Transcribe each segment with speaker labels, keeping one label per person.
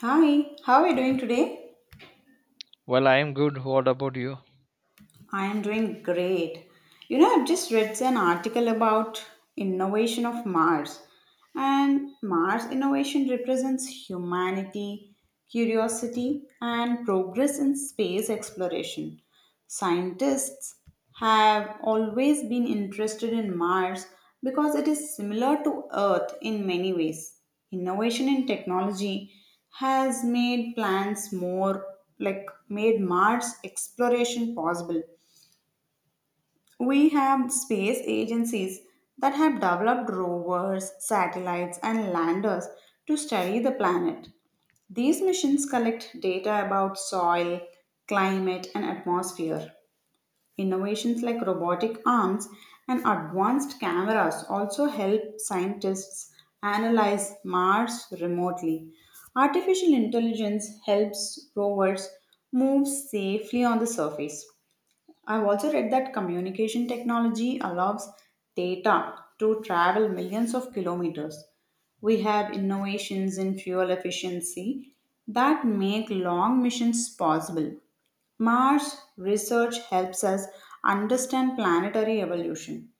Speaker 1: Hi, how are you doing today?
Speaker 2: Well, I am good. What about you?
Speaker 1: I am doing great. You know, I've just read an article about innovation of Mars, and Mars innovation represents humanity, curiosity, and progress in space exploration. Scientists have always been interested in Mars because it is similar to Earth in many ways. Innovation in technology has made plans more like, made Mars exploration possible. We have space agencies that have developed rovers, satellites, and landers to study the planet. These missions collect data about soil, climate, and atmosphere. Innovations like robotic arms and advanced cameras also help scientists analyze Mars remotely. Artificial intelligence helps rovers move safely on the surface. I've also read that communication technology allows data to travel millions of kilometers. We have innovations in fuel efficiency that make long missions possible. Mars research helps us understand planetary evolution.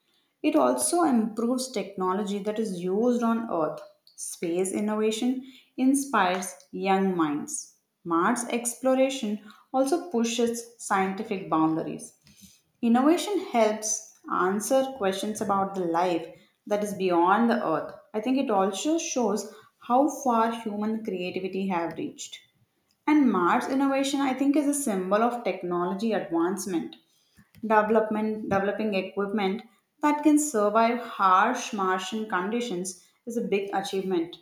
Speaker 1: It also improves technology that is used on Earth. Space innovation inspires young minds. Mars exploration also pushes scientific boundaries. Innovation helps answer questions about the life that is beyond the earth. I think it also shows how far human creativity have reached. And Mars innovation, I think, is a symbol of technology advancement. Development developing equipment that can survive harsh Martian conditions is a big achievement.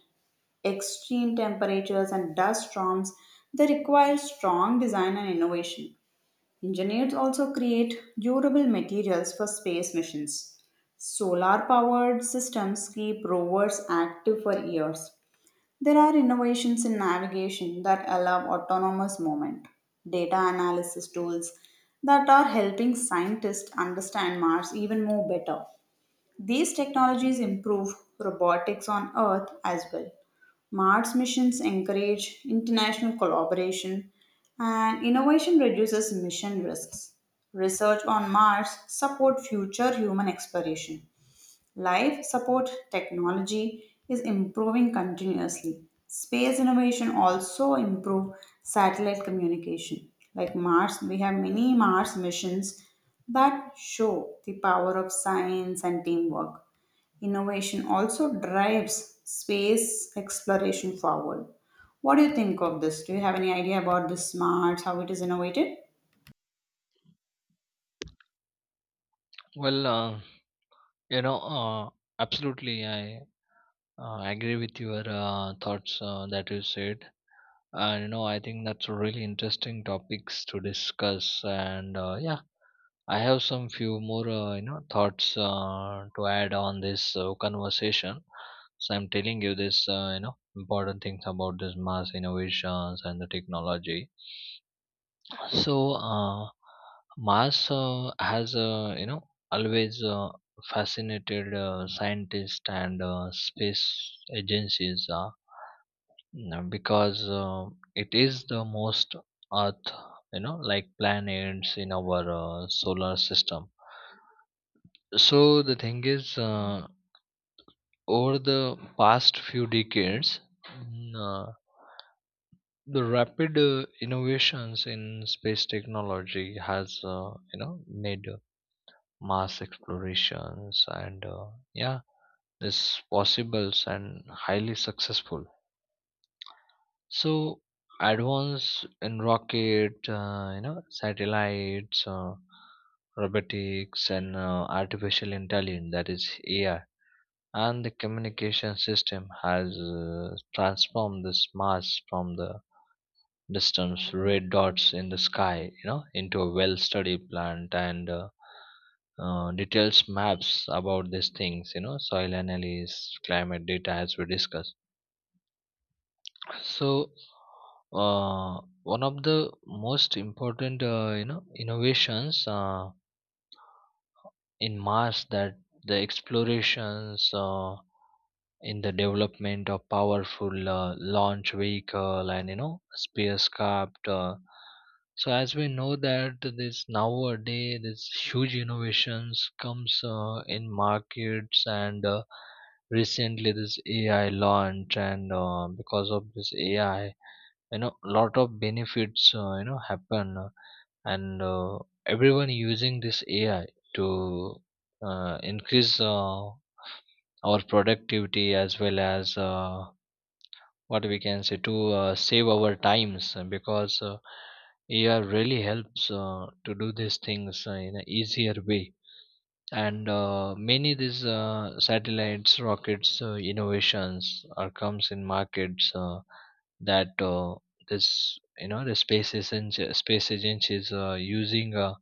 Speaker 1: Extreme temperatures and dust storms, they require strong design and innovation. Engineers also create durable materials for space missions. Solar powered systems keep rovers active for years. There are innovations in navigation that allow autonomous movement, data analysis tools that are helping scientists understand Mars even more better. These technologies improve robotics on Earth as well. Mars missions encourage international collaboration, and innovation reduces mission risks. Research on Mars support future human exploration. Life support technology is improving continuously. Space innovation also improve satellite communication. Like Mars, we have many Mars missions that show the power of science and teamwork. Innovation also drives space exploration forward. What do you think of this? Do you have any idea about the smarts, how it is innovated?
Speaker 2: Well, uh, you know, uh, absolutely, I agree with your thoughts that you said. I think that's a really interesting topics to discuss. I have some few more, thoughts to add on this conversation. So I'm telling you this, important things about this mass innovations and the technology. So uh, Mars has always fascinated scientists and space agencies, you because it is the most Earth, you know, like planets in our solar system. So the thing is, uh, over the past few decades, mm, uh, the rapid innovations in space technology has, made mass explorations, yeah, is possibles and highly successful. So advance in rocket, satellites, robotics, and artificial intelligence, that is AI, and the communication system has transformed this mass from the distance, red dots in the sky, into a well-studied plant and details maps about these things, soil analysis, climate data, as we discussed. So, one of the most important, innovations in Mars, that the explorations. In the development of powerful launch vehicle and, you know, spacecraft. So as we know that this nowadays this huge innovations comes in markets, and recently this ai launch, and because of this ai, you know, lot of benefits happen, and everyone using this ai to increase our productivity as well as, what we can say, to save our times, because AI really helps to do these things in an easier way. And many these satellites, rockets, innovations are comes in markets. That this, you know, the space agency is using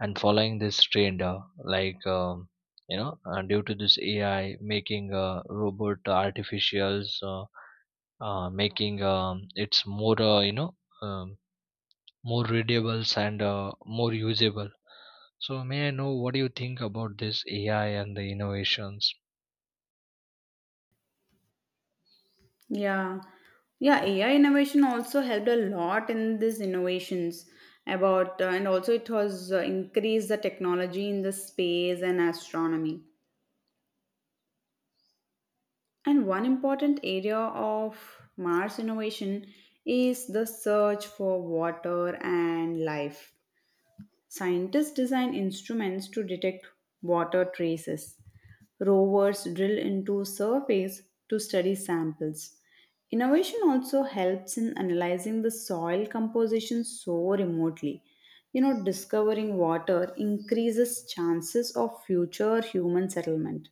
Speaker 2: and following this trend, due to this ai making robot artificials, making, it's more, um, more readables and more usable. So may I know what do you think about this ai and the innovations?
Speaker 1: Yeah. Yeah, AI innovation also helped a lot in these innovations about and also it has increased the technology in the space and astronomy. And one important area of Mars innovation is the search for water and life. Scientists design instruments to detect water traces. Rovers drill into surface to study samples. Innovation also helps in analyzing the soil composition so remotely. You know, discovering water increases chances of future human settlement.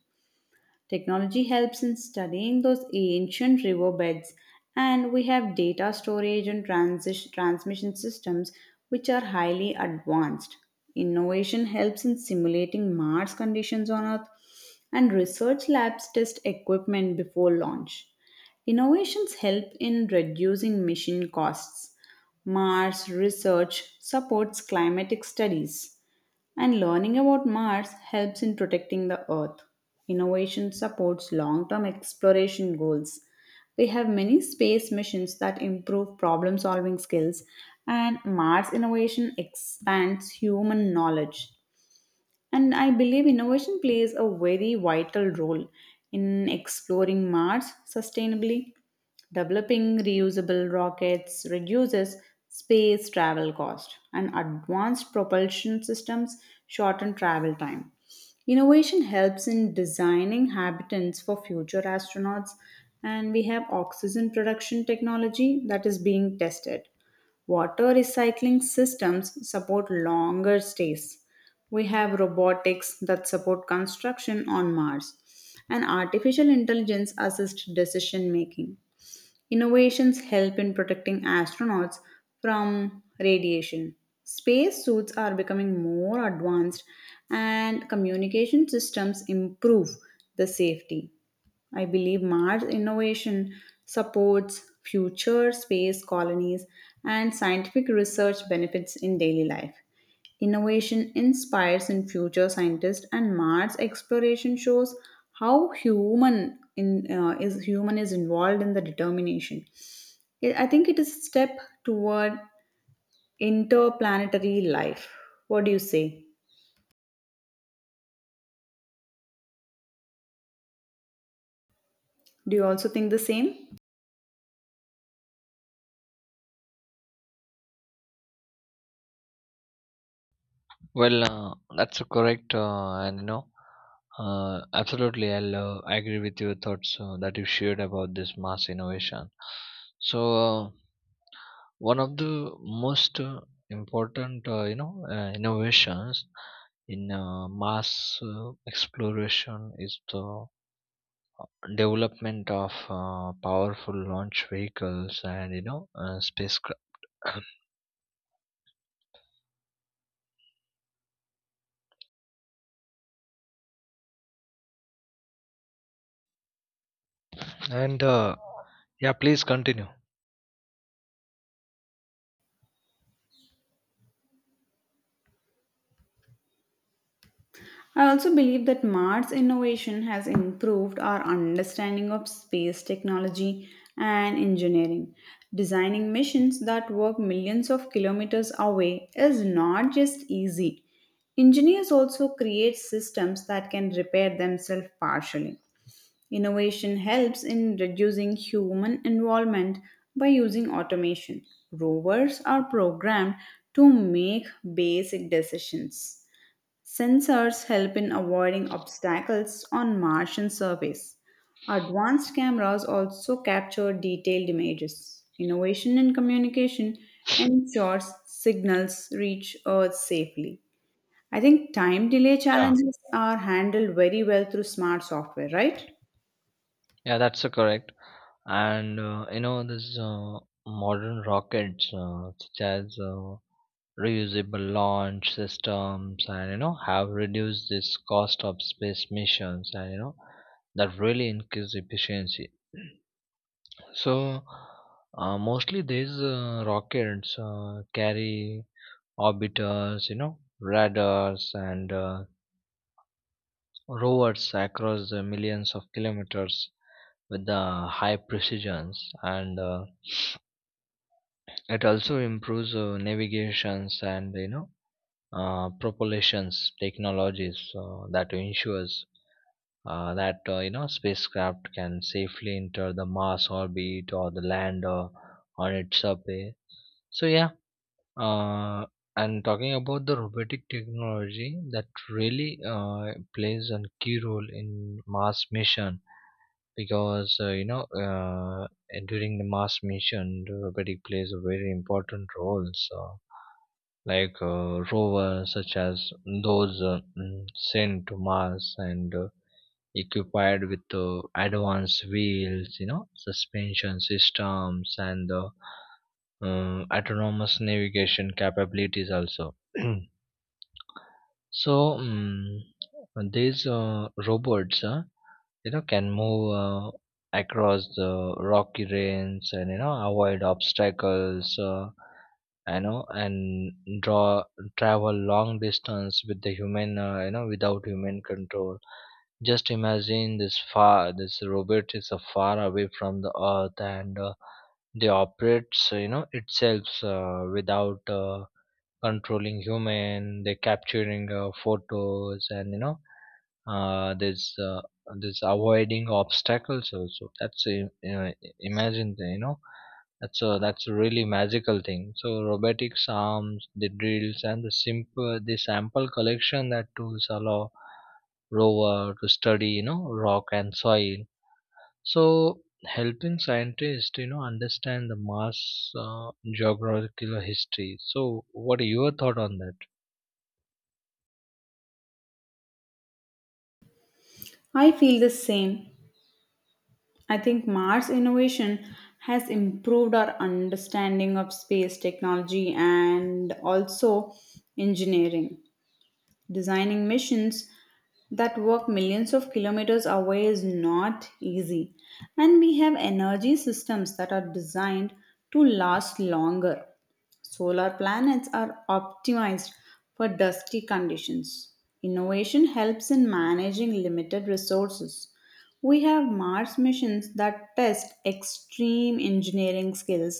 Speaker 1: Technology helps in studying those ancient riverbeds, and we have data storage and transmission systems which are highly advanced. Innovation helps in simulating Mars conditions on Earth, and research labs test equipment before launch. Innovations help in reducing mission costs. Mars research supports climatic studies. And learning about Mars helps in protecting the Earth. Innovation supports long term exploration goals. We have many space missions that improve problem solving skills, and Mars innovation expands human knowledge. And I believe innovation plays a very vital role in exploring Mars sustainably. Developing reusable rockets reduces space travel cost, and advanced propulsion systems shorten travel time. Innovation helps in designing habitats for future astronauts, and we have oxygen production technology that is being tested. Water recycling systems support longer stays. We have robotics that support construction on Mars, and artificial intelligence assists decision making. Innovations help in protecting astronauts from radiation. Space suits are becoming more advanced and communication systems improve the safety. I believe Mars innovation supports future space colonies and scientific research benefits in daily life. Innovation inspires in future scientists and Mars exploration shows how human is involved in the determination. I think it is a step toward interplanetary life. What do you say? Do you also think the same?
Speaker 2: That's a correct, and absolutely. I'll agree with your thoughts that you shared about this mass innovation. So, uh, One of the most important, innovations in mass exploration is the development of powerful launch vehicles and, you know, spacecraft. And yeah, please continue.
Speaker 1: I also believe that Mars innovation has improved our understanding of space technology and engineering. Designing missions that work millions of kilometers away is not just easy. Engineers also create systems that can repair themselves partially. Innovation helps in reducing human involvement by using automation. Rovers are programmed to make basic decisions. Sensors help in avoiding obstacles on Martian surface. Advanced cameras also capture detailed images. Innovation in communication ensures signals reach Earth safely. I think time delay
Speaker 2: Yeah,
Speaker 1: challenges are handled very well through smart software, right?
Speaker 2: yeah, that's correct. And this modern rockets, such as reusable launch systems, and, you know, have reduced this cost of space missions, and, you know, that really increase efficiency. So mostly these rockets carry orbiters, you know, radars, and rovers across the millions of kilometers with the high precisions. And It also improves navigations and, propulsions technologies that ensures that you know spacecraft can safely enter the Mars orbit or the land on its surface. So yeah, uh, and talking about the robotic technology, that really plays a key role in Mars mission, because during the mars mission the robotic plays a very important role. Like rovers such as those, sent to mars and equipped with advanced wheels, you know, suspension systems, and autonomous navigation capabilities also. so mm these robots, can move across the rocky range and, you know, avoid obstacles, and draw, travel long distance with the human, without human control. Just imagine this far, this robot is far away from the earth, and they operates, itself, without controlling human. They capturing photos and, you know uh, there's uh, there's avoiding obstacles also. Imagine that's a, that's a really magical thing. So robotics arms, the drills, and the sample collection, that tools allow rover to study, you know, rock and soil, so helping scientists, you know, understand the mars geographical history. So what are your thought on that?
Speaker 1: I feel the same. I think Mars innovation has improved our understanding of space technology and also engineering. Designing missions that work millions of kilometers away is not easy. And we have energy systems that are designed to last longer. Solar planets are optimized for dusty conditions. Innovation helps in managing limited resources. We have Mars missions that test extreme engineering skills.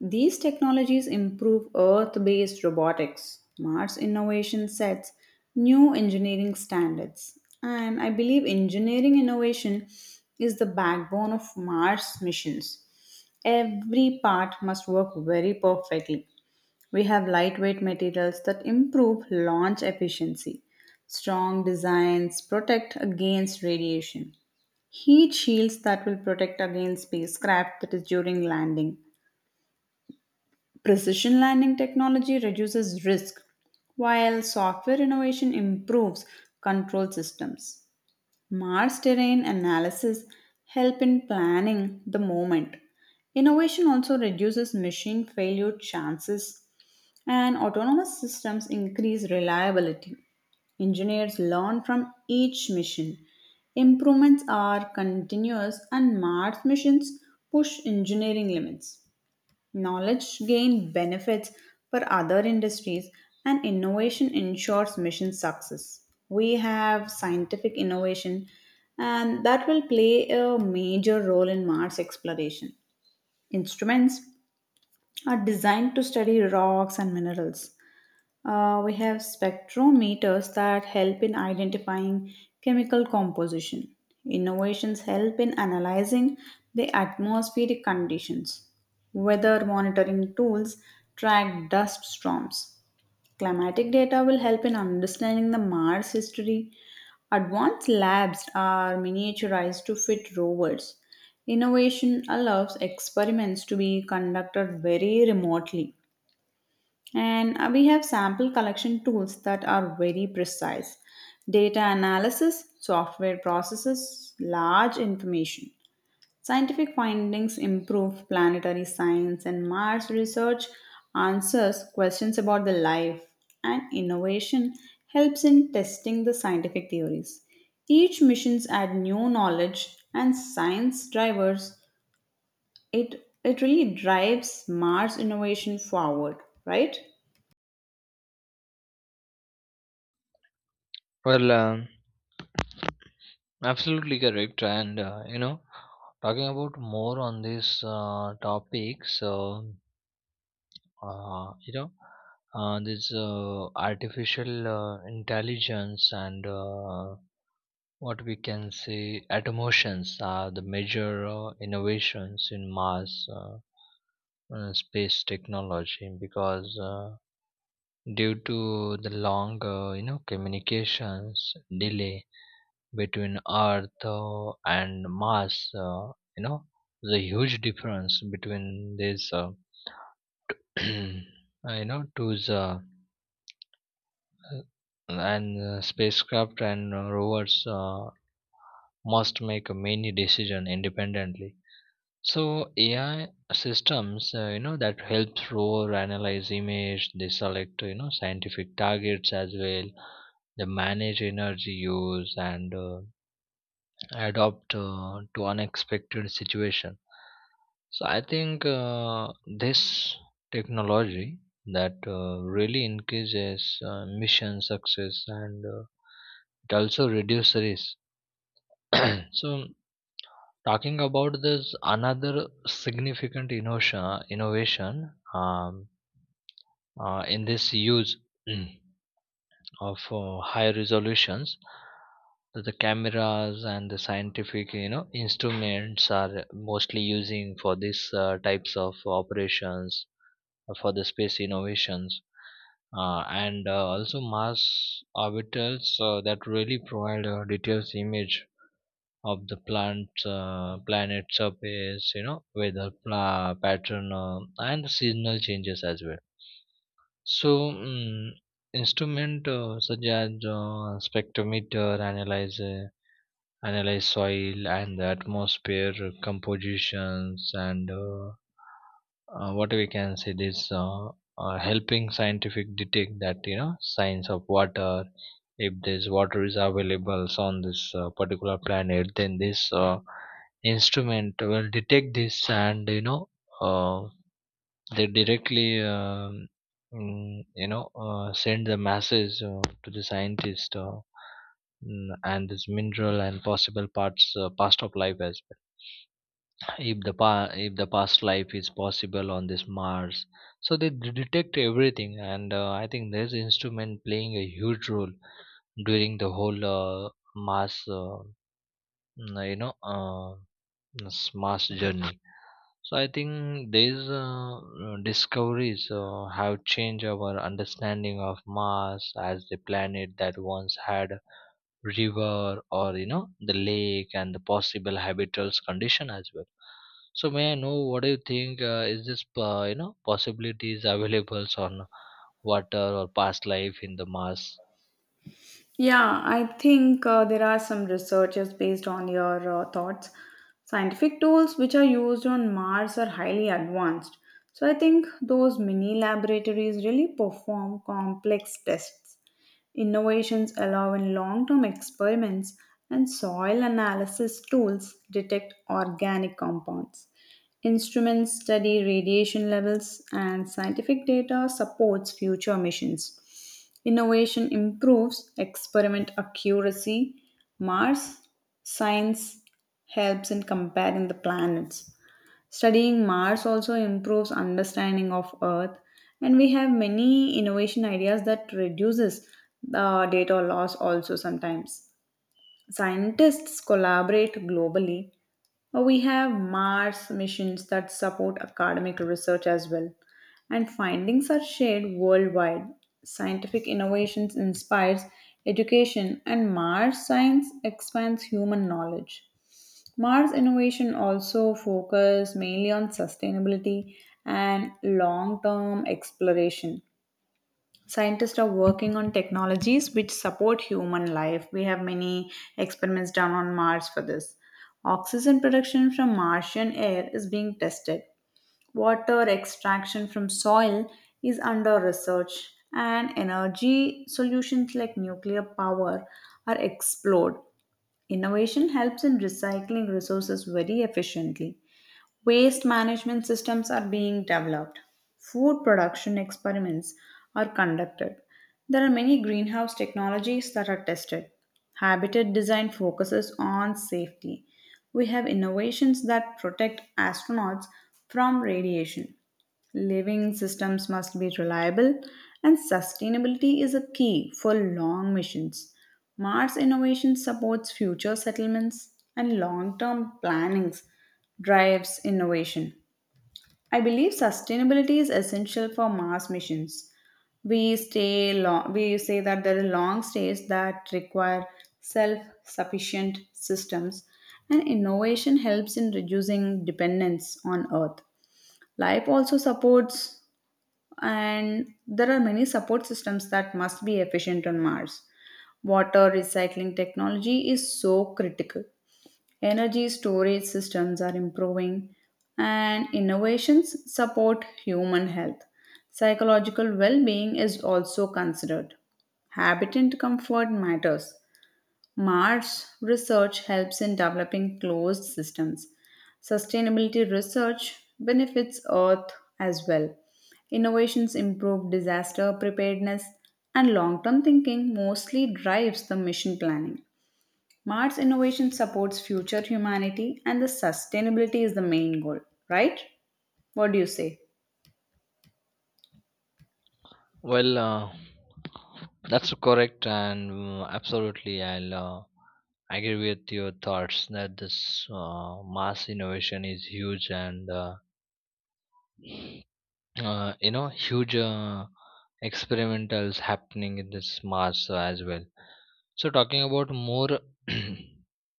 Speaker 1: These technologies improve Earth based robotics. Mars innovation sets new engineering standards. And I believe engineering innovation is the backbone of Mars missions. Every part must work very perfectly. We have lightweight materials that improve launch efficiency. Strong designs protect against radiation. Heat shields that will protect against spacecraft that is during landing. Precision landing technology reduces risk, while software innovation improves control systems. Mars terrain analysis help in planning the moment. Innovation also reduces machine failure chances and autonomous systems increase reliability. Engineers learn from each mission. Improvements are continuous, and Mars missions push engineering limits. Knowledge gain benefits for other industries, and innovation ensures mission success. We have scientific innovation, and that will play a major role in Mars exploration. Instruments are designed to study rocks and minerals. We have spectrometers that help in identifying chemical composition. Innovations help in analyzing the atmospheric conditions. Weather monitoring tools track dust storms. Climatic data will help in understanding the Mars history. Advanced labs are miniaturized to fit rovers. Innovation allows experiments to be conducted very remotely. And we have sample collection tools that are very precise. Data analysis, software processes, large information. Scientific findings improve planetary science, and Mars research answers questions about the life, and innovation helps in testing the scientific theories. Each missions add new knowledge and science drivers. It really drives Mars innovation forward, right?
Speaker 2: Well, absolutely correct. Talking about more on this topic, so, uh, you know, this artificial intelligence and, what we can say, automations are the major innovations in mass, space technology, because due to the long, communications delay between Earth and Mars. You know, the huge difference between these, uh, tools and spacecraft and rovers must make many decisions independently. So AI systems, that helps rover analyze image, they select, you know, scientific targets as well, they manage energy use, and adapt to unexpected situation. So I think this technology, that really increases mission success, and it also reduces risk. So talking about this another significant innovation, in this use of high resolutions, the cameras and the scientific, you know, instruments are mostly using for these types of operations, for the space innovations, and also Mars orbitals, that really provide a detailed image of the plant, planet surface, you know, weather pla- pattern, and the seasonal changes as well. So instrument, such as spectrometer, analyze soil and the atmosphere compositions, and what we can say this, helping scientific detect that, you know, signs of water. If this water is available on this particular planet, then this instrument will detect this, and, uh, they directly, send the masses to the scientist, and this mineral and possible parts past of life as well. If the past life is possible on this mars, so they detect everything. And uh, i think this instrument playing a huge role during the whole mass, mm, you know uh, mass journey. So I think these discoveries have changed our understanding of Mars as the planet that once had river, or, you know, the lake and the possible habitable condition as well. So may I know what do you think? Is this, possibilities available on water or past life in the Mars?
Speaker 1: Yeah, I think there are some researchers based on your thoughts. Scientific tools which are used on Mars are highly advanced. So I think those mini laboratories really perform complex tests. Innovations allow in long term experiments, and soil analysis tools detect organic compounds. Instruments study radiation levels and scientific data supports future missions. Innovation improves experiment accuracy. Mars science helps in comparing the planets. Studying Mars also improves understanding of Earth and we have many innovation ideas that reduces the data loss also sometimes. Scientists collaborate globally. We have Mars missions that support academic research as well, and findings are shared worldwide. Scientific innovations inspires education, and Mars science expands human knowledge. Mars innovation also focuses mainly on sustainability and long-term exploration. Scientists are working on technologies which support human life. We have many experiments done on Mars for this. Oxygen production from Martian air is being tested. Water extraction from soil is under research. And energy solutions like nuclear power are explored. Innovation helps in recycling resources very efficiently. Waste management systems are being developed. Food production experiments are conducted. There are many greenhouse technologies that are tested. Habitat design focuses on safety. We have innovations that protect astronauts from radiation. Living systems must be reliable, and sustainability is a key for long missions. Mars innovation supports future settlements, and long term planning drives innovation. I believe sustainability is essential for Mars missions. We say that there are long stays that require self sufficient systems, and innovation helps in reducing dependence on Earth. Life also supports and there are many support systems that must be efficient on Mars. Water recycling technology is so critical. Energy storage systems are improving, and innovations support human health. Psychological well being is also considered. Habitat comfort matters. Mars research helps in developing closed systems. Sustainability research benefits Earth as well. Innovations improve disaster preparedness, and long term thinking mostly drives the mission planning. Mars innovation supports future humanity, and the sustainability is the main goal, right? What do you say?
Speaker 2: Well, uh, that's correct, and absolutely, I'll agree with your thoughts that this mass innovation is huge, and huge experimentals happening in this mass as well. So talking about more,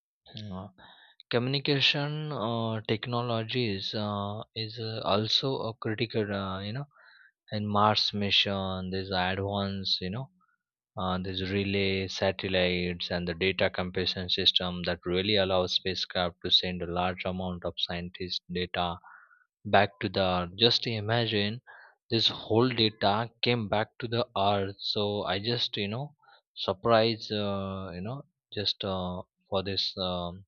Speaker 2: uh, communication technologies is also a critical, in Mars mission. There's advanced, you know, these relay satellites and the data compression system that really allows spacecraft to send a large amount of scientist data back to the earth. Just imagine, this whole data came back to the earth. So I just, you know, surprise, you know just for this,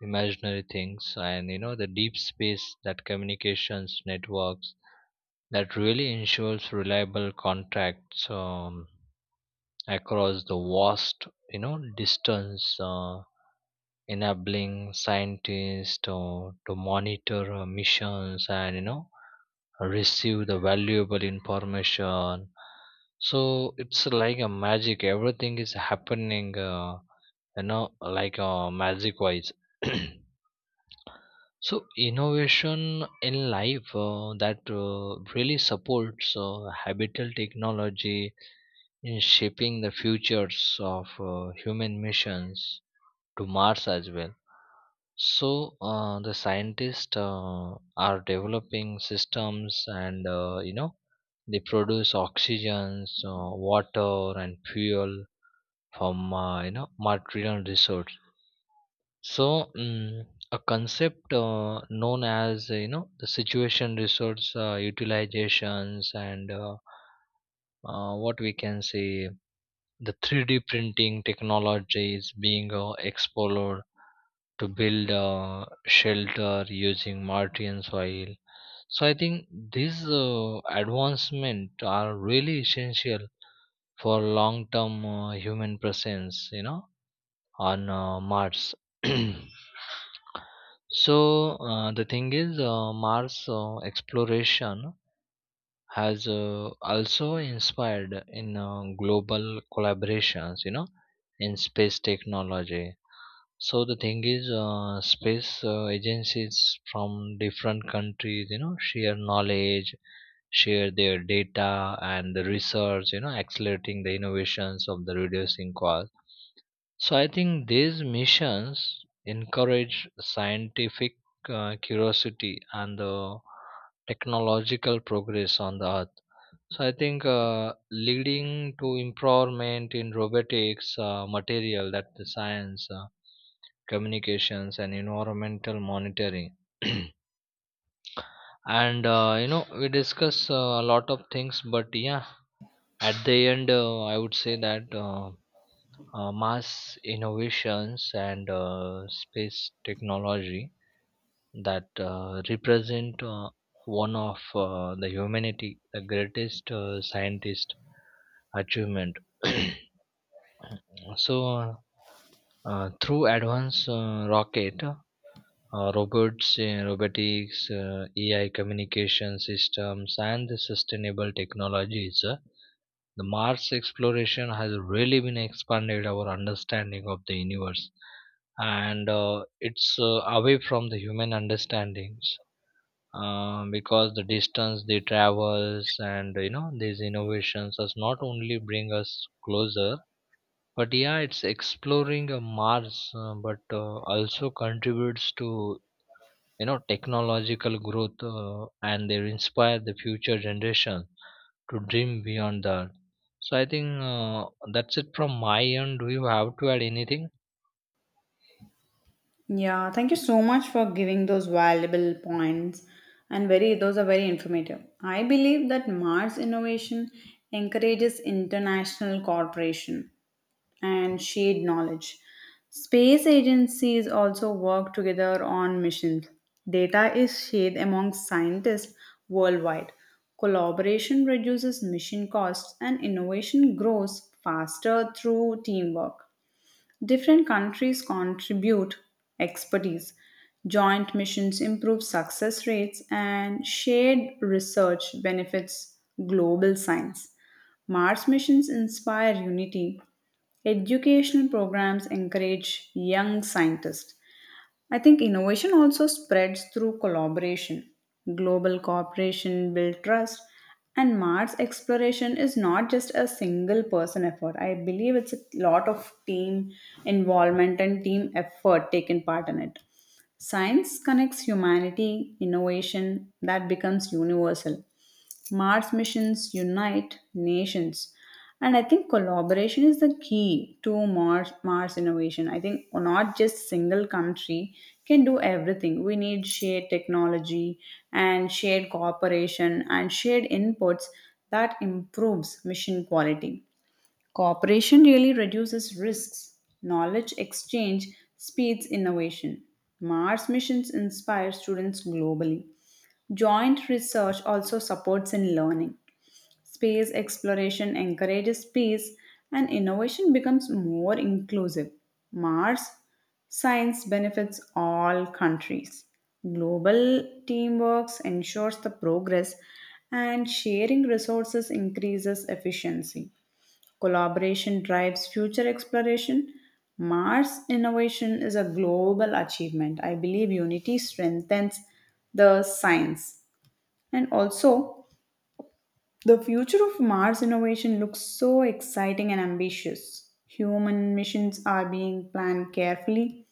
Speaker 2: imaginary things, and, you know, the deep space, that communications networks, that really ensures reliable contracts, across the vast, you know, distance, enabling scientists to monitor missions, and, you know, receive the valuable information. So it's like a magic, everything is happening, like magic wise. So innovation in life, that really supports habitable technology in shaping the futures of human missions to Mars as well. So the scientists are developing systems, and, you know, they produce oxygens, water, and fuel from, material resource. So a concept, known as the situation resource utilizations, and what we can say, the 3D printing technology is being explored to build a shelter using Martian soil. So I think these advancement are really essential for long-term human presence, you know, on Mars. So Mars exploration has also inspired in global collaborations, you know, in space technology. So the thing is uh, space agencies from different countries, you know, share knowledge, share their data and the research, you know, accelerating the innovations of the reducing cost. So I think these missions encourage scientific curiosity and the technological progress on the earth, so I think leading to improvement in robotics, material, that the science, communications, and environmental monitoring. And we discuss a lot of things, but yeah, at the end, I would say that, mass innovations and space technology, that represent one of the humanity, the greatest scientist achievement. So through advanced rocket, robots, robotics, AI communication systems, and the sustainable technologies, the Mars exploration has really been expanded our understanding of the universe, and it's away from the human understandings. Because the distance they travels, and, you know, these innovations does not only bring us closer, but yeah, it's exploring Mars, but also contributes to, you know, technological growth, and they inspire the future generation to dream beyond that. So I think that's it from my end. Do you have to add anything?
Speaker 1: Yeah, thank you so much for giving those valuable points and very those are very informative. I believe that Mars innovation encourages international cooperation and shared knowledge. Space agencies also work together on missions. Data is shared among scientists worldwide. Collaboration reduces mission costs and innovation grows faster through teamwork. Different countries contribute expertise. Joint missions improve success rates, and shared research benefits global science. Mars missions inspire unity. Educational programs encourage young scientists. I think innovation also spreads through collaboration. Global cooperation builds trust, and Mars exploration is not just a single person effort. I believe it's a lot of team involvement and team effort taken part in it. Science connects humanity, innovation that becomes universal. Mars missions unite nations. And I think collaboration is the key to Mars innovation. I think not just single country can do everything. We need shared technology and shared cooperation and shared inputs that improves mission quality. Cooperation really reduces risks. Knowledge exchange speeds innovation. Mars missions inspire students globally. Joint research also supports in learning. Space exploration encourages peace and innovation becomes more inclusive. Mars science benefits all countries. Global teamwork ensures the progress and sharing resources increases efficiency. Collaboration drives future exploration. Mars innovation is a global achievement. I believe unity strengthens the science, and also the future of Mars innovation looks so exciting and ambitious. Human missions are being planned carefully.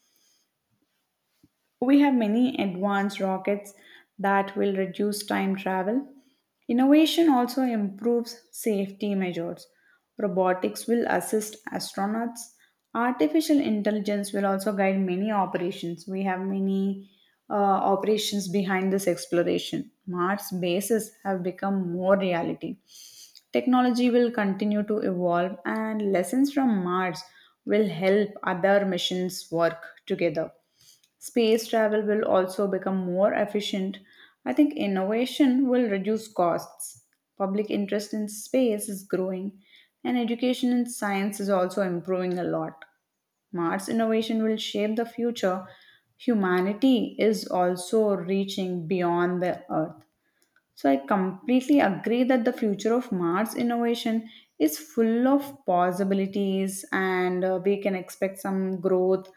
Speaker 1: We have many advanced rockets that will reduce time travel. Innovation also improves safety measures. Robotics will assist astronauts. Artificial intelligence will also guide many operations. We have many operations behind this exploration. Mars bases have become more reality. Technology will continue to evolve, and lessons from Mars will help other missions work together. Space travel will also become more efficient. I think innovation will reduce costs. Public interest in space is growing, and education in science is also improving a lot. Mars innovation will shape the future. Humanity is also reaching beyond the Earth. So I completely agree that the future of Mars innovation is full of possibilities and we can expect some growth.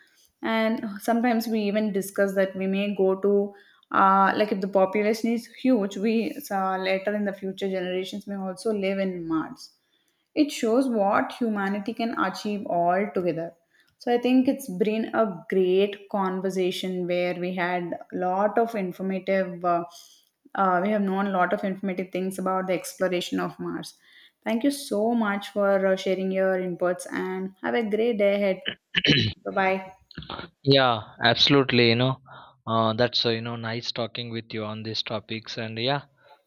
Speaker 1: And sometimes we even discuss that we may go to, if the population is huge, we later in the future generations may also live in Mars. It shows what humanity can achieve all together. So I think it's been a great conversation where we had a lot of informative. We have known a lot of informative things about the exploration of Mars. Thank you so much for sharing your inputs and have a great day ahead. Bye bye.
Speaker 2: Yeah, absolutely. You know, that's, nice talking with you on these topics, and yeah,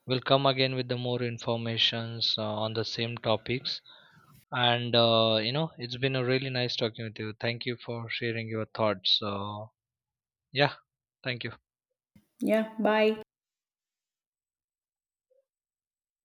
Speaker 2: we'll come again with the more informations on the same topics. It's been a really nice talking with you. Thank you for sharing your thoughts. So yeah, thank you.
Speaker 1: Yeah, bye.